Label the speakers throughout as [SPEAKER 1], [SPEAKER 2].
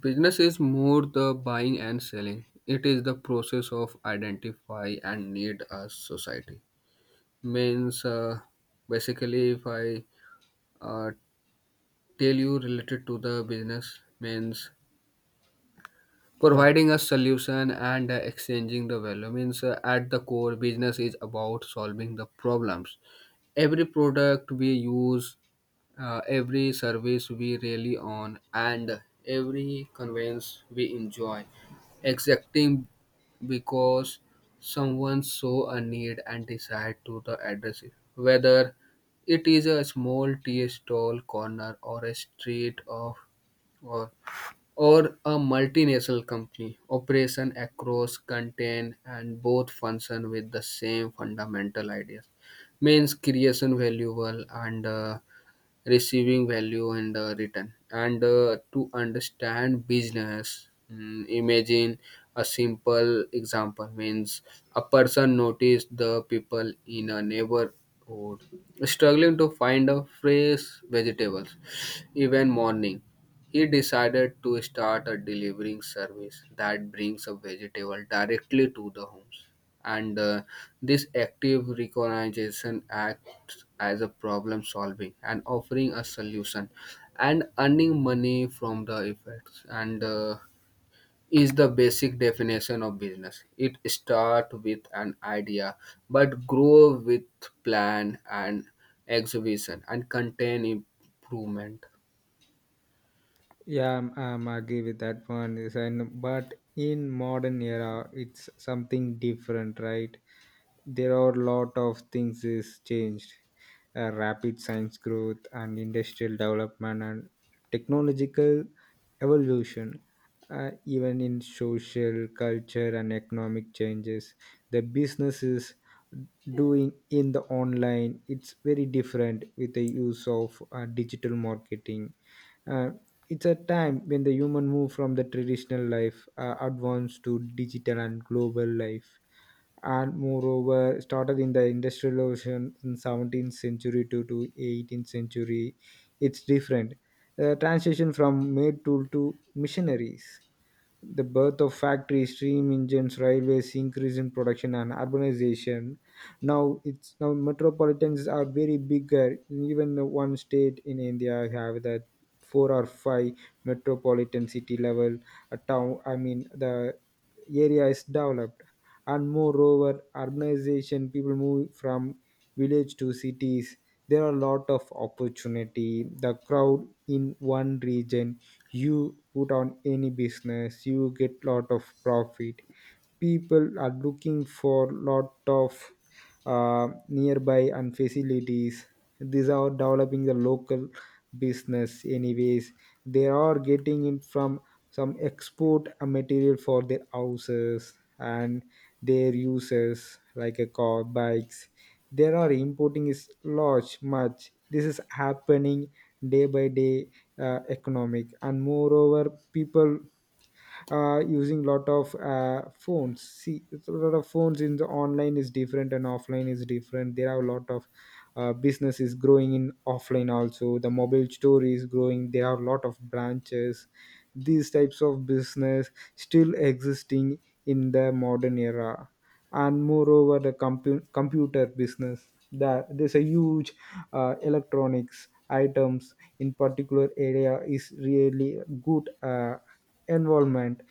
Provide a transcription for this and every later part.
[SPEAKER 1] Business is more the buying and selling. It is the process of identify and need a society. Means basically, if I uh, tell you related to the business, means
[SPEAKER 2] Yeah,
[SPEAKER 1] providing a solution and exchanging the value. Means at the core, business is about solving the problems. Every product we use, every service we rely on and every convenience we enjoy exacting because someone saw a need and decided to the address it, whether it is a small tea stall corner or a street of or or a multinational company operation across content and both function with the same fundamental ideas, means creation valuable and receiving value and return and to understand business, imagine a simple example, means a person noticed the people in a neighborhood struggling to find a fresh vegetables even morning. He decided to start a delivering service that brings a vegetable directly to the homes, and this active recognition acts as a problem solving and offering a solution and earning money from the effects, and is the basic definition of business. It starts with an idea but grow with plan and exhibition and contain improvement.
[SPEAKER 2] yeah, I'm agree with that one. Is and but in modern era, it's something different, right? There are lot of things is changed. Rapid science growth and industrial development and technological evolution. Even in social, culture, and economic changes, the business is doing in the online. It's very different with the use of digital marketing. Uh, It's a time when the human move from the traditional life advanced to digital and global life, and moreover started in the industrial ocean in 17th century to 18th century. It's different, the transition from maid tool to missionaries, the birth of factories, steam engines, railways, increase in production and urbanization. Now metropolitans are very bigger. Even the one state in India have that four or five metropolitan city level a town. I mean the area is developed, and moreover, urbanization. People move from village to cities. There are a lot of opportunity. The crowd in one region, you put on any business you get lot of profit. People are looking for lot of nearby and facilities. These are developing the local business anyways. They are getting it from some export material for their houses, and their uses like a car bikes, they are importing is large much. This is happening day by day. Economic, and moreover people using lot of phones. See, it's a lot of phones in the online is different and offline is different. There are a lot of business is growing in offline also. The mobile store is growing, there are a lot of branches. These types of business still existing in the modern era. And moreover the computer business, that there's a huge electronics items in particular area is really good environment.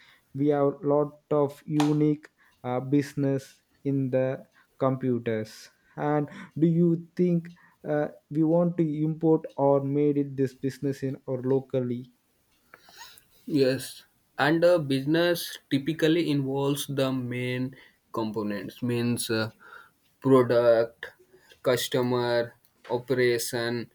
[SPEAKER 2] We have lot of unique business in the computers. And do you think we want to import or made it this business in or locally?
[SPEAKER 1] Yes, and a business typically involves the main components, means product, customer, operation,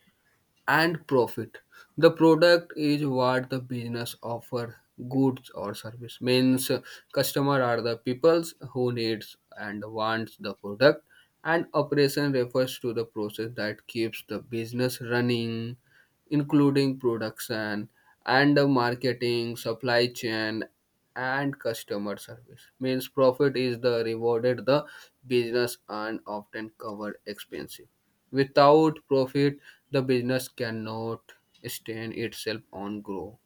[SPEAKER 1] and profit. The product is what the business offer, goods or service, means customer are the peoples who needs and wants the product, and operation refers to the process that keeps the business running, including production and the marketing supply chain and customer service. Means profit is the rewarded the business and often cover expenses. Without profit, the business cannot sustain itself on grow.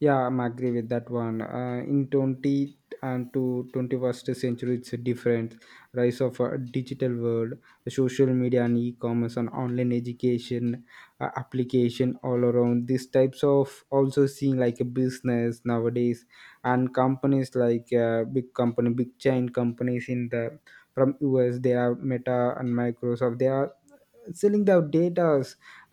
[SPEAKER 2] Yeah, I'm agree with that one. In 20 and to 21st century, it's a different. Rise of a digital world, social media and e-commerce and online education application all around. These types of also seeing like a business nowadays. And companies like big company, big chain companies in the, from US, they are Meta and Microsoft. They are selling the data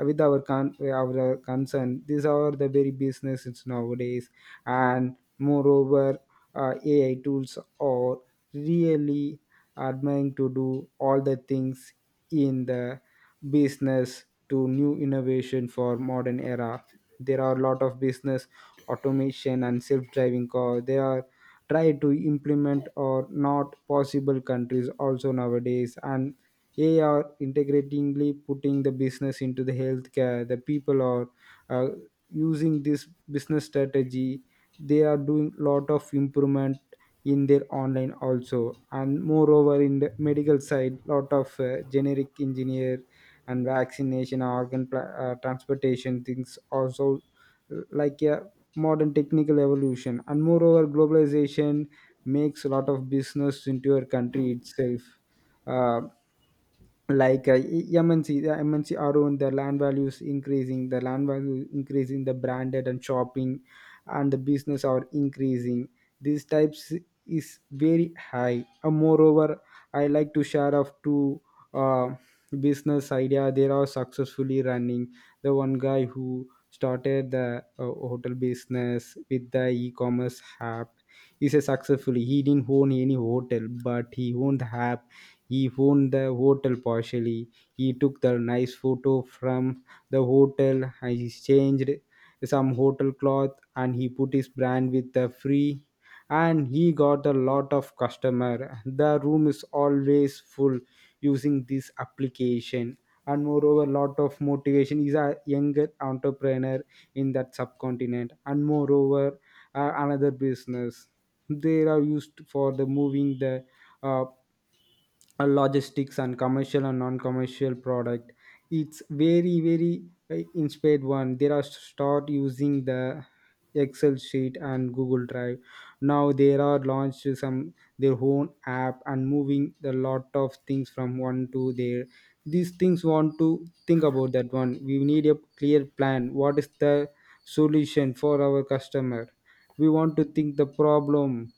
[SPEAKER 2] with our our concern. These are the very businesses nowadays. And moreover ai tools are really admiring to do all the things in the business to new innovation for modern era. There are a lot of business automation and self-driving car. They are try to implement or not possible countries also nowadays. And they are integratingly putting the business into the healthcare. The people are uh, using this business strategy. They are doing lot of improvement in their online also, and moreover in the medical side, lot of generic engineer and vaccination, organ transportation things also, like a modern technical evolution. And moreover, globalization makes a lot of business into your country itself. Uh, like MNC, the MNC are on the land values increasing, the land value increasing, the branded and shopping and the business are increasing. These types is very high. Moreover, I like to share of two uh, business idea. They are successfully running. The one guy who started the hotel business with the e-commerce app is a successfully. He didn't own any hotel, but he owned the app. He won the hotel partially. He took the nice photo from the hotel, and he changed some hotel cloth and he put his brand with the free, and he got a lot of customer. The room is always full using this application. And moreover, lot of motivation is a younger entrepreneur in that subcontinent. And moreover another business, they are used for the moving the uh, logistics and commercial and non-commercial product. It's very very inspired one. They are start using the excel sheet and google drive. Now they are launched some their own app and moving the lot of things from one to there. These things want to think about that one. We need a clear plan, what is the solution for our customer. We want to think the problem,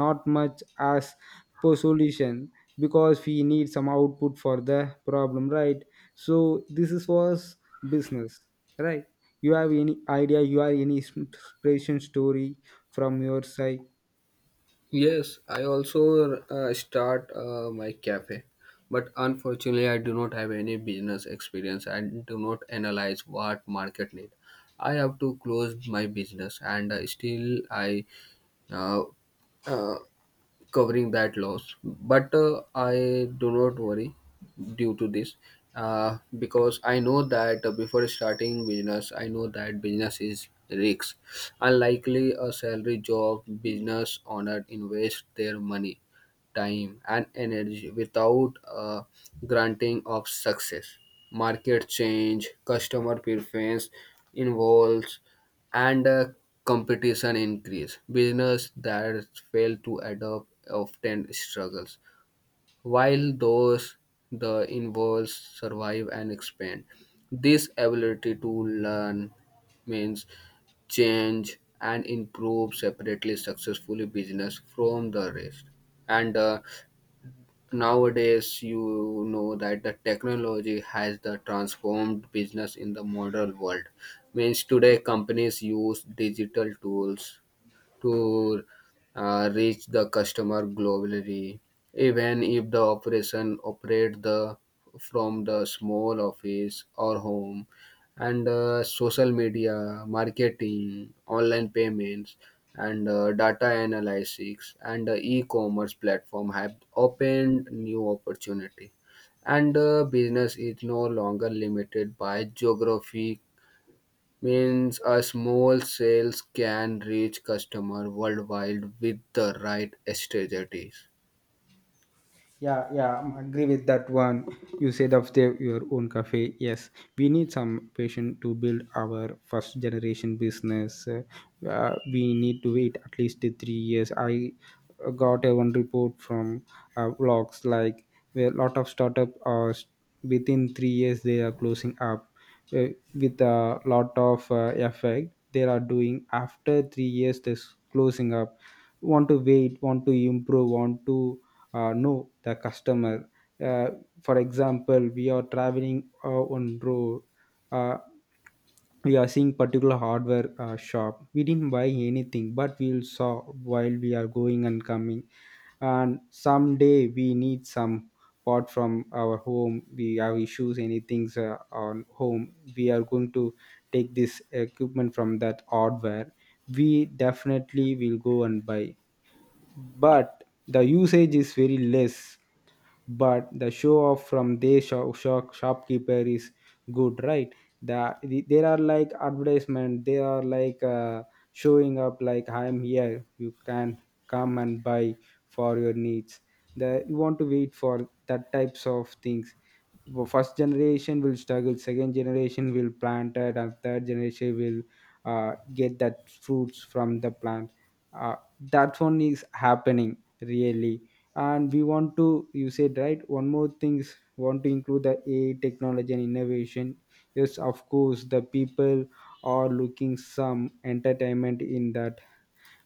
[SPEAKER 2] not much as per solution, because we need some output for the problem, right? So this is was business, right? You have any idea, you have any inspiration story from your side?
[SPEAKER 1] Yes, I also start my cafe, but unfortunately, I do not have any business experience. I do not analyze what market need. I have to close my business, and still I uh, uh, covering that loss, but I do not worry due to this, because I know that, before starting business, I know that business is risks. Unlikely a salary job, business owner invest their money, time and energy without a granting of success. Market change, customer preference involves, and competition increase. Business that fail to adopt often struggles, while those the involves survive and expand. This ability to learn, means change and improve, separately successfully business from the rest. And Nowadays you know that the technology has the transformed business in the modern world. Means today companies use digital tools to reach the customer globally, even if the operation operate the from the small office or home, and social media marketing, online payments, and data analytics, and e-commerce platform have opened new opportunity, and business is no longer limited by geography. Means a small sales can reach customer worldwide with the right strategies.
[SPEAKER 2] Yeah, yeah, I agree with that one. You said of the, your own cafe. Yes, we need some patience to build our first generation business. We need to wait at least 3 years. I got a one report from blogs like where a lot of startup are s- within 3 years they are closing up, uh, with a lot of effect. They are doing after 3 years this closing up. Want to wait? Want to improve? Want to know the customer. Uh, for example, we are traveling on road. Uh, we are seeing particular hardware shop. We didn't buy anything, but we will saw while we are going and coming. And someday we need some part from our home. We have issues, anything on home. We are going to take this equipment from that hardware. We definitely will go and buy, but the usage is very less. But the show off from their shopkeeper is good, right? The there are like advertisement. They are like showing up like I am here, you can come and buy for your needs. The, you want to wait for that types of things. First generation will struggle, second generation will plant it, and third generation will get that fruits from the plant. That one is happening really. And we want to, you said right, one more thing is want to include the ai technology and innovation. Yes, of course the people are looking some entertainment in that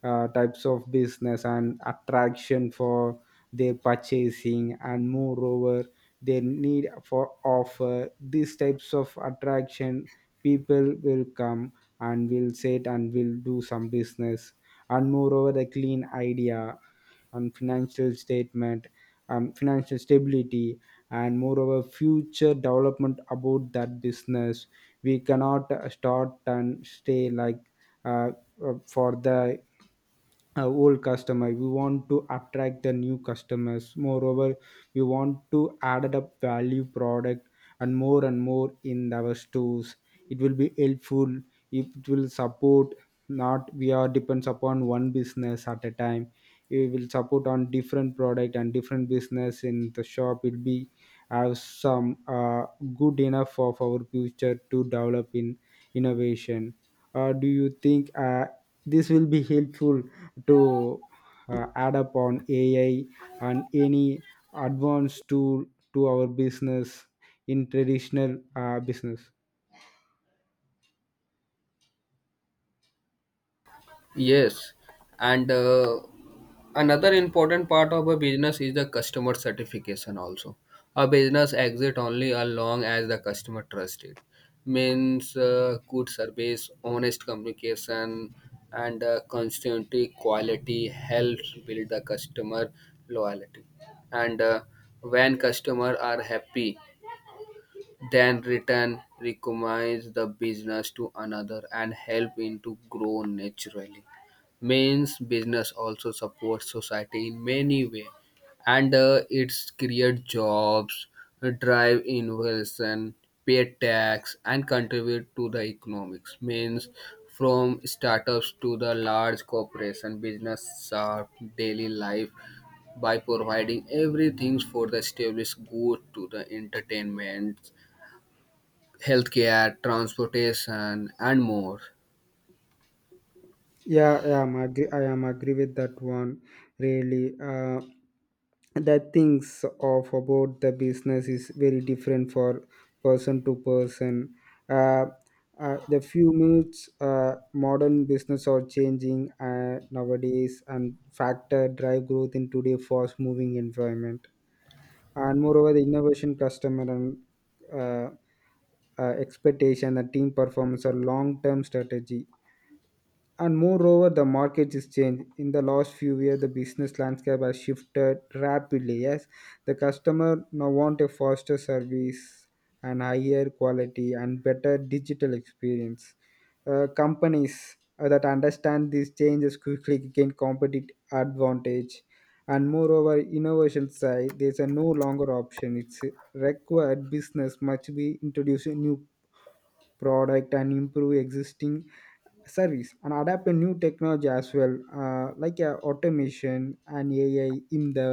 [SPEAKER 2] types of business and attraction for their purchasing. And moreover, their need for offer these types of attraction, people will come and will sit and will do some business. And moreover the clean idea and financial statement, financial stability, and moreover future development about that business. We cannot start and stay like uh, for the old customer. We want to attract the new customers. Moreover, we want to add up value product and more in our stores. It will be helpful, it will support. Not we are depends upon one business at a time, we will support on different product and different business in the shop. It will be have some good enough of our future to develop in innovation. Do you think this will be helpful to add up on AI and any advanced tool to our business in traditional business?
[SPEAKER 1] Yes, and another important part of a business is the customer certification also. A business exit only as long as the customer trust it. Means good service, honest communication, and constantly quality helps build the customer loyalty, and when customer are happy, then return recommends the business to another and help it to grow naturally. Means business also supports society in many way, and it's create jobs, drive innovation, pay tax and contribute to the economics. Means from startups to the large corporation, business serve daily life by providing everything for the established good to the entertainment, healthcare, transportation, and more.
[SPEAKER 2] I am agree with that one. Really, the things of about the business is very different for person to person. Uh, the few minutes modern business are changing nowadays and factor drive growth in today fast moving environment. And moreover the innovation customer and uh, expectation the team performance or long-term strategy. And moreover, the market is changed. In the last few years, the business landscape has shifted rapidly. Yes, the customer now want a faster service and higher quality and better digital experience. Companies that understand these changes quickly gain competitive advantage. And moreover, innovation side, there's a no longer option. It's required. Business must be introducing new product and improve existing service and adapt to new technology as well, like automation and ai in the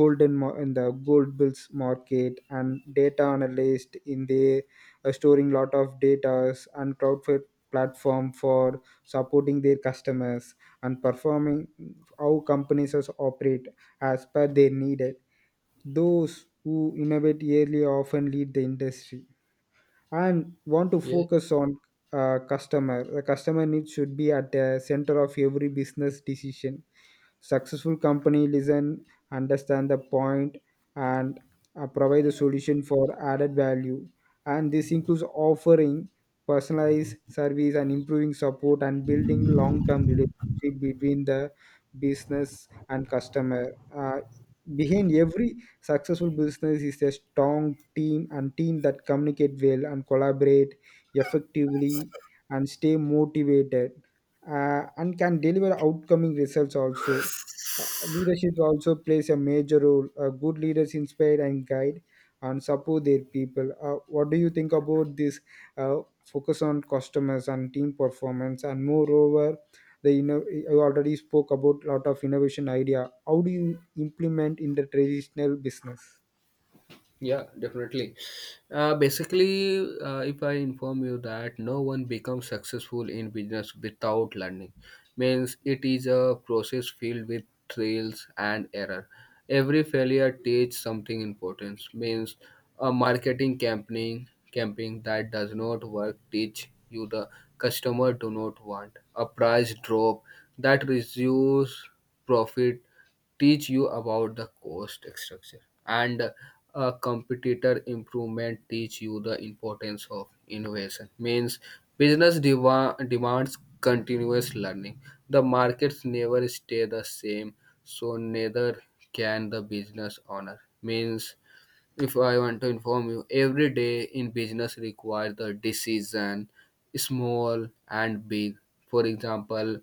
[SPEAKER 2] gold bills market, and data analyst in the storing lot of data, and cloud platform for supporting their customers and performing how companies as operate as per their needed. Those who innovate yearly often lead the industry, and want to
[SPEAKER 1] Yeah,
[SPEAKER 2] focus on customer the customer needs should be at the center of every business decision. Successful company listen, understand the point, and provide the solution for added value. And this includes offering personalized service and improving support and building long-term relationship between the business and customer. Behind every successful business is a strong team, and team that communicate well and collaborate effectively and stay motivated, and can deliver outcoming results also. Leadership also plays a major role. Good leaders inspire and guide and support their people. What do you think about this uh, focus on customers and team performance? And moreover the I already spoke about lot of innovation idea. How do you implement in the traditional business?
[SPEAKER 1] yeah, definitely. Basically, if I inform you that no one becomes successful in business without learning, means it is a process filled with trials and error. Every failure teaches something important. Means a marketing campaign that does not work teach you the customer do not want. A price drop that reduces profit teach you about the cost structure, and a competitor improvement teach you the importance of innovation. Means business demands continuous learning. The markets never stay the same, so neither can the business owner. Means if I want to inform you, every day in business requires the decision, small and big. For example,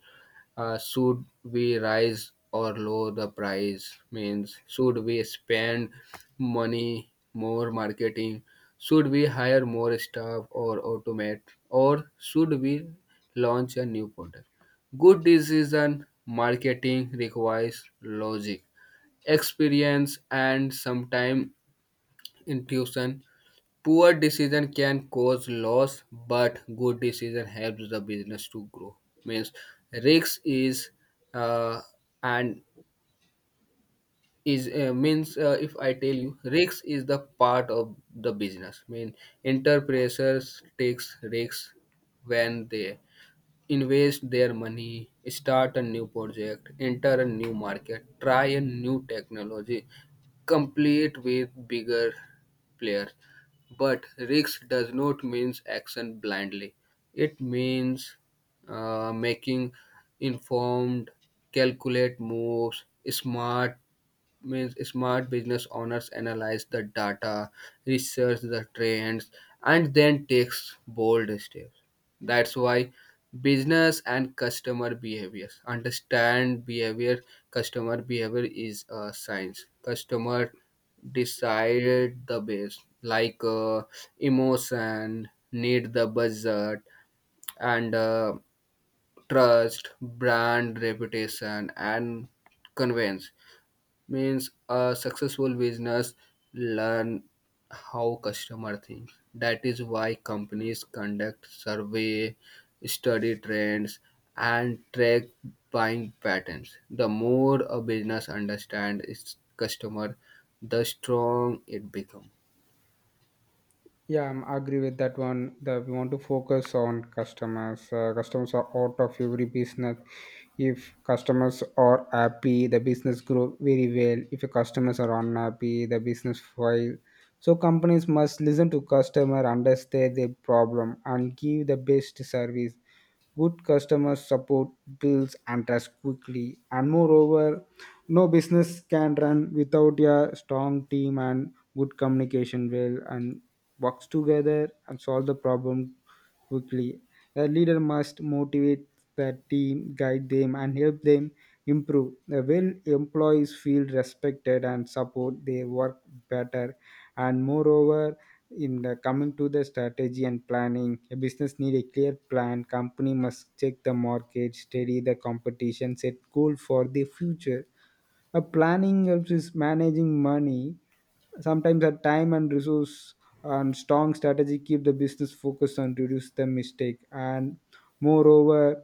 [SPEAKER 1] should we rise or lower the price? Means, should we spend money more marketing? Should we hire more staff or automate? Or should we launch a new product? Good decision marketing requires logic, experience, and sometimes intuition. Poor decision can cause loss, but good decision helps the business to grow. Means risk is uh, and is means if I tell you, risk is the part of the business. Mean entrepreneurs takes risks when they invest their money, start a new project, enter a new market, try a new technology, complete with bigger players. But risk does not means action blindly. It means making informed, calculate moves, smart. Means smart business owners analyze the data, research the trends, and then takes bold steps. That's why business and customer behaviors understand behavior. Customer behavior is a science. Customer decide the base like emotion, need the budget, and trust, brand reputation, and conveyance. Means a successful business learn how customer thinks. That is why companies conduct survey, study trends, and track buying patterns. The more a business understands its customer, the strong it becomes.
[SPEAKER 2] Yeah, I'm agree with that one. That we want to focus on customers. Customers are out of every business. If customers are happy, the business grow very well. If your customers are unhappy, the business fail. So companies must listen to customer, understand their problem, and give the best service. Good customer support builds and trust quickly. And moreover, no business can run without a strong team and good communication. Well, and works together and solve the problem quickly. A leader must motivate the team, guide them, and help them improve. When employees feel respected and support, they work better. And moreover, in the coming to the strategy and planning, a business need a clear plan. Company must check the market, study the competition, set goal for the future. A planning helps is managing money sometimes a time and resource, and strong strategy keep the business focused and reduce the mistake. And moreover,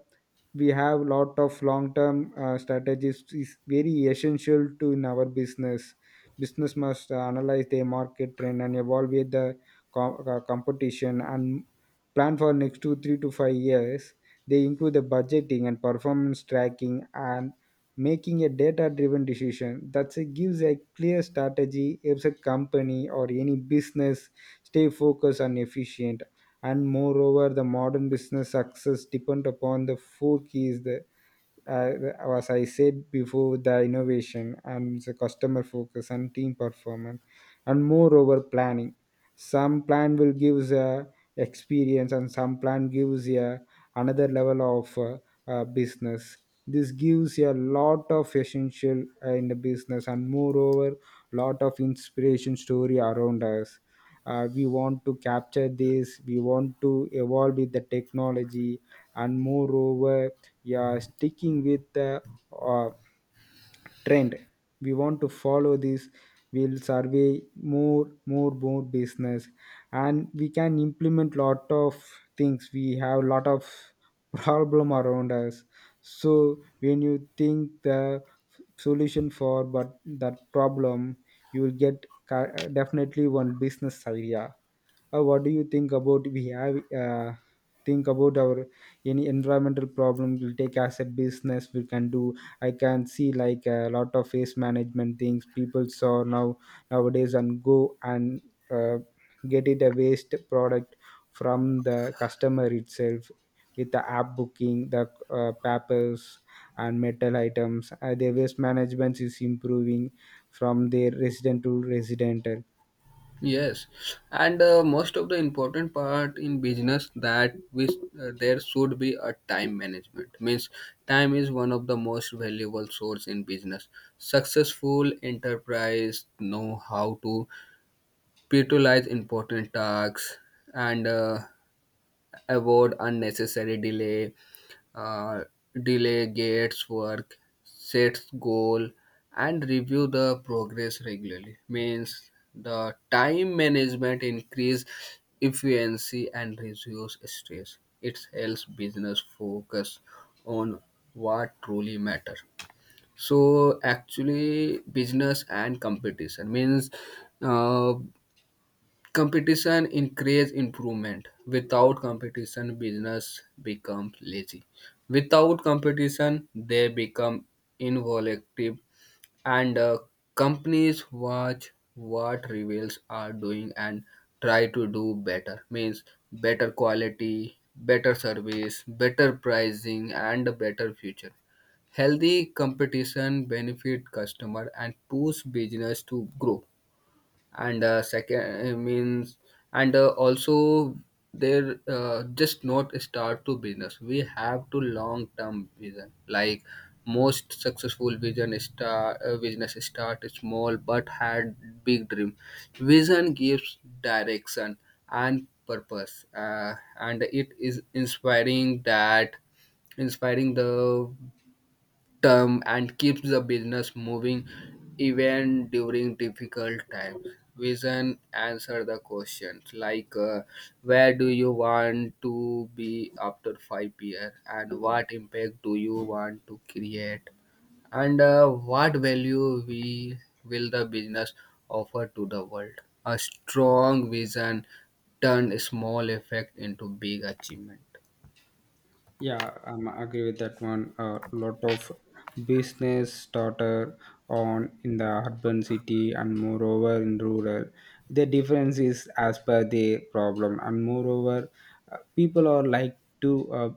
[SPEAKER 2] we have lot of long term strategies is very essential to in our business. Business must analyze their market trend and evaluate the competition, and plan for next 2 3 to 5 years. They include the budgeting and performance tracking and making a data driven decision. That gives a clear strategy, helps a company or any business stay focused and efficient. And moreover, the modern business success depend upon the four keys. The uh, as I said before, the innovation and the customer focus and team performance, and moreover planning. Some plan will gives a experience, and some plan gives a another level of business. This gives a lot of essential in the business, and moreover, lot of inspiration story around us. We want to capture this. We want to evolve with the technology, and moreover, yeah, sticking with the uh, trend. We want to follow this. We'll survey more business, and we can implement lot of things. We have lot of problem around us. So when you think the solution for but that problem, you will get definitely one business idea. What do you think about we have uh, think about our any environmental problem? We'll take as a business, we can do. I can see like a lot of waste management things people saw nowadays and go and uh, get it a waste product from the customer itself with the app booking the papers and metal items. Their waste management is improving from their resident to resident.
[SPEAKER 1] Yes, and most of the important part in business that we, there should be a time management. Means time is one of the most valuable source in business. Successful enterprise know how to prioritize important tasks, and avoid unnecessary delay. uh, Delay gates work, sets goal, and review the progress regularly. Means the time management increase efficiency and reduce stress. It helps business focus on what truly matter. So actually, business and competition means. Uh, Competition encourages improvement. Without competition, business becomes lazy. Without competition, they become involuntary, and companies watch what rivals are doing and try to do better. Means better quality, better service, better pricing, and a better future. Healthy competition benefit customer and push business to grow, and second means and also there, just not start to business, we have to long term vision. Like most successful vision start, business start small but had big dream. Vision gives direction and purpose, and it is inspiring the term and keeps the business moving even during difficult times. Vision answer the questions like, where do you want to be after five years and what impact do you want to create, and what value we will the business offer to the world. A strong vision turn small effect into big achievement.
[SPEAKER 2] Yeah, I'm agree with that one. A lot of business started on in the urban city, and moreover in rural. The difference is as per the problem, and moreover, people are like to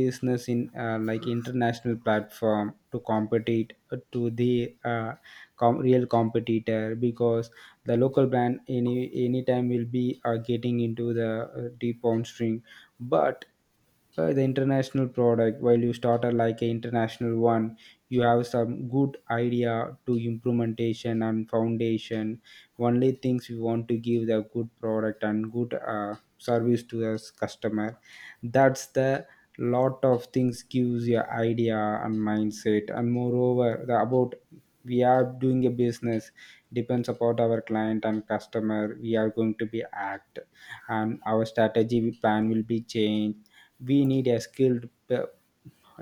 [SPEAKER 2] business in like international platform to compete to the real competitor, because the local brand anytime will be getting into the deep on string, but the international product. While you start a, like an international one, you have some good idea to implementation and foundation. Only things you want to give the good product and good service to the customer. That's the lot of things gives your idea and mindset, and moreover the about we are doing a business, depends upon our client and customer we are going to be act, and our strategy plan will be changed. We need a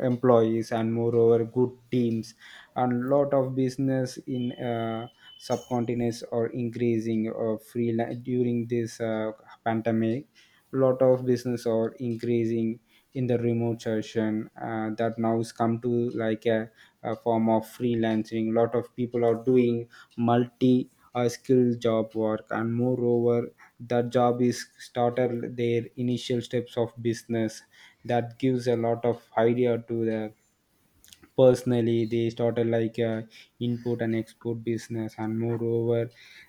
[SPEAKER 2] employees and moreover good teams. And lot of business in subcontinents are increasing or freelance during this pandemic. Lot of business are increasing in the remote session. That now's come to like a form of freelancing. Lot of people are doing multi skill job work, and moreover that job is started their initial steps of business. That gives a lot of idea to the personally. They started like input and export business, and moreover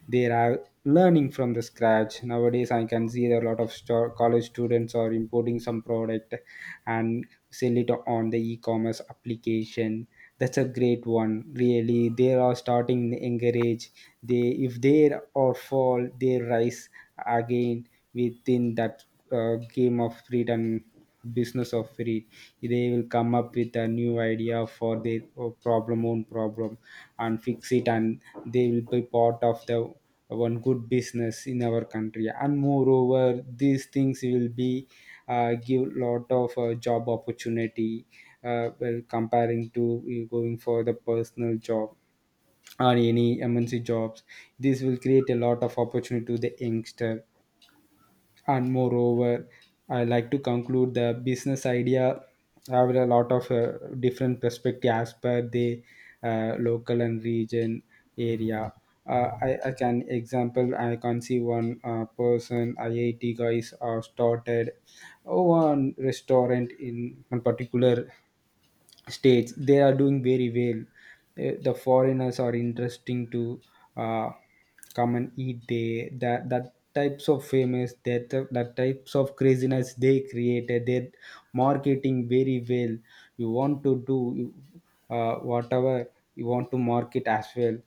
[SPEAKER 2] they are learning from the scratch. Nowadays I can see that a lot of college students are importing some product and sell it on the e-commerce application. That's a great one, really. They are starting encourage. They if they or fall, they rise again within that game of freedom, business of free. They will come up with a new idea for their problem own problem and fix it, and they will be part of the one good business in our country. And moreover, these things will be give lot of job opportunity. Well, comparing to you going for the personal job or any MNC jobs, this will create a lot of opportunity to the youngster. And moreover, I like to conclude the business idea have a lot of different perspective as per the local and region area. I can example, I can see one person IIT guys started one restaurant in one particular states. They are doing very well. The foreigners are interesting to uh, come and eat there. That types of famous, that types of craziness they created. They marketing very well. You want to do whatever you want to market as well.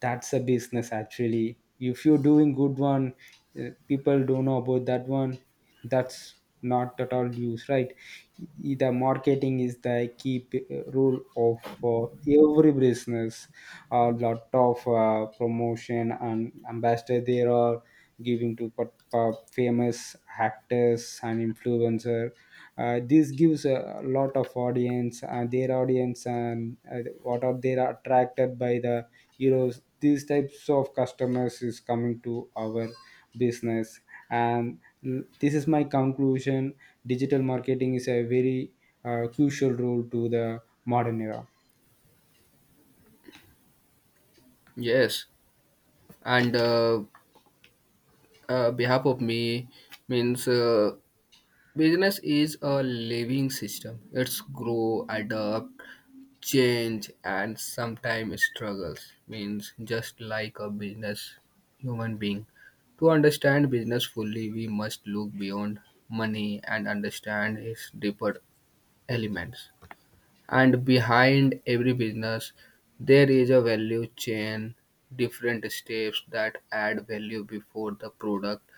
[SPEAKER 2] That's a business actually. If you're doing good one, people don't know about that one. That's not at all use, right? The marketing is the key rule of every business. A lot of promotion and ambassador there are giving to famous actors and influencer. This gives a lot of audience. Their audience and what are they are attracted by the heroes. These types of customers is coming to our business. and this is my conclusion. Digital marketing is a very crucial role to the modern era.
[SPEAKER 1] Yes, and behalf of me, means business is a living system. It's grow, adapt, change and sometimes struggles. Means just like a business, human being. To understand business fully, we must look beyond money and understand its deeper elements. And behind every business there is a value chain, different steps that add value before the product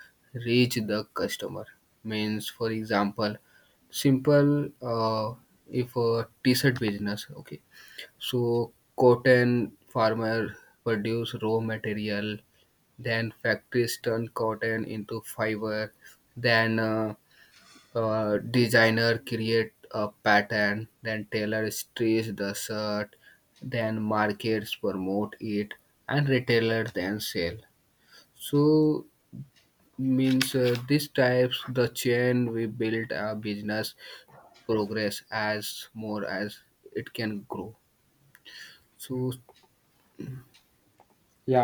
[SPEAKER 1] reach the customer. Means for example, simple, if a t-shirt business, okay, so cotton farmer produce raw material, then factories turn cotton into fiber, then designer create a pattern, then tailor stitch the shirt, then markets promote it, and retailers then sell. So means these types the chain we build a business progress as more as it can grow, so
[SPEAKER 2] Yeah.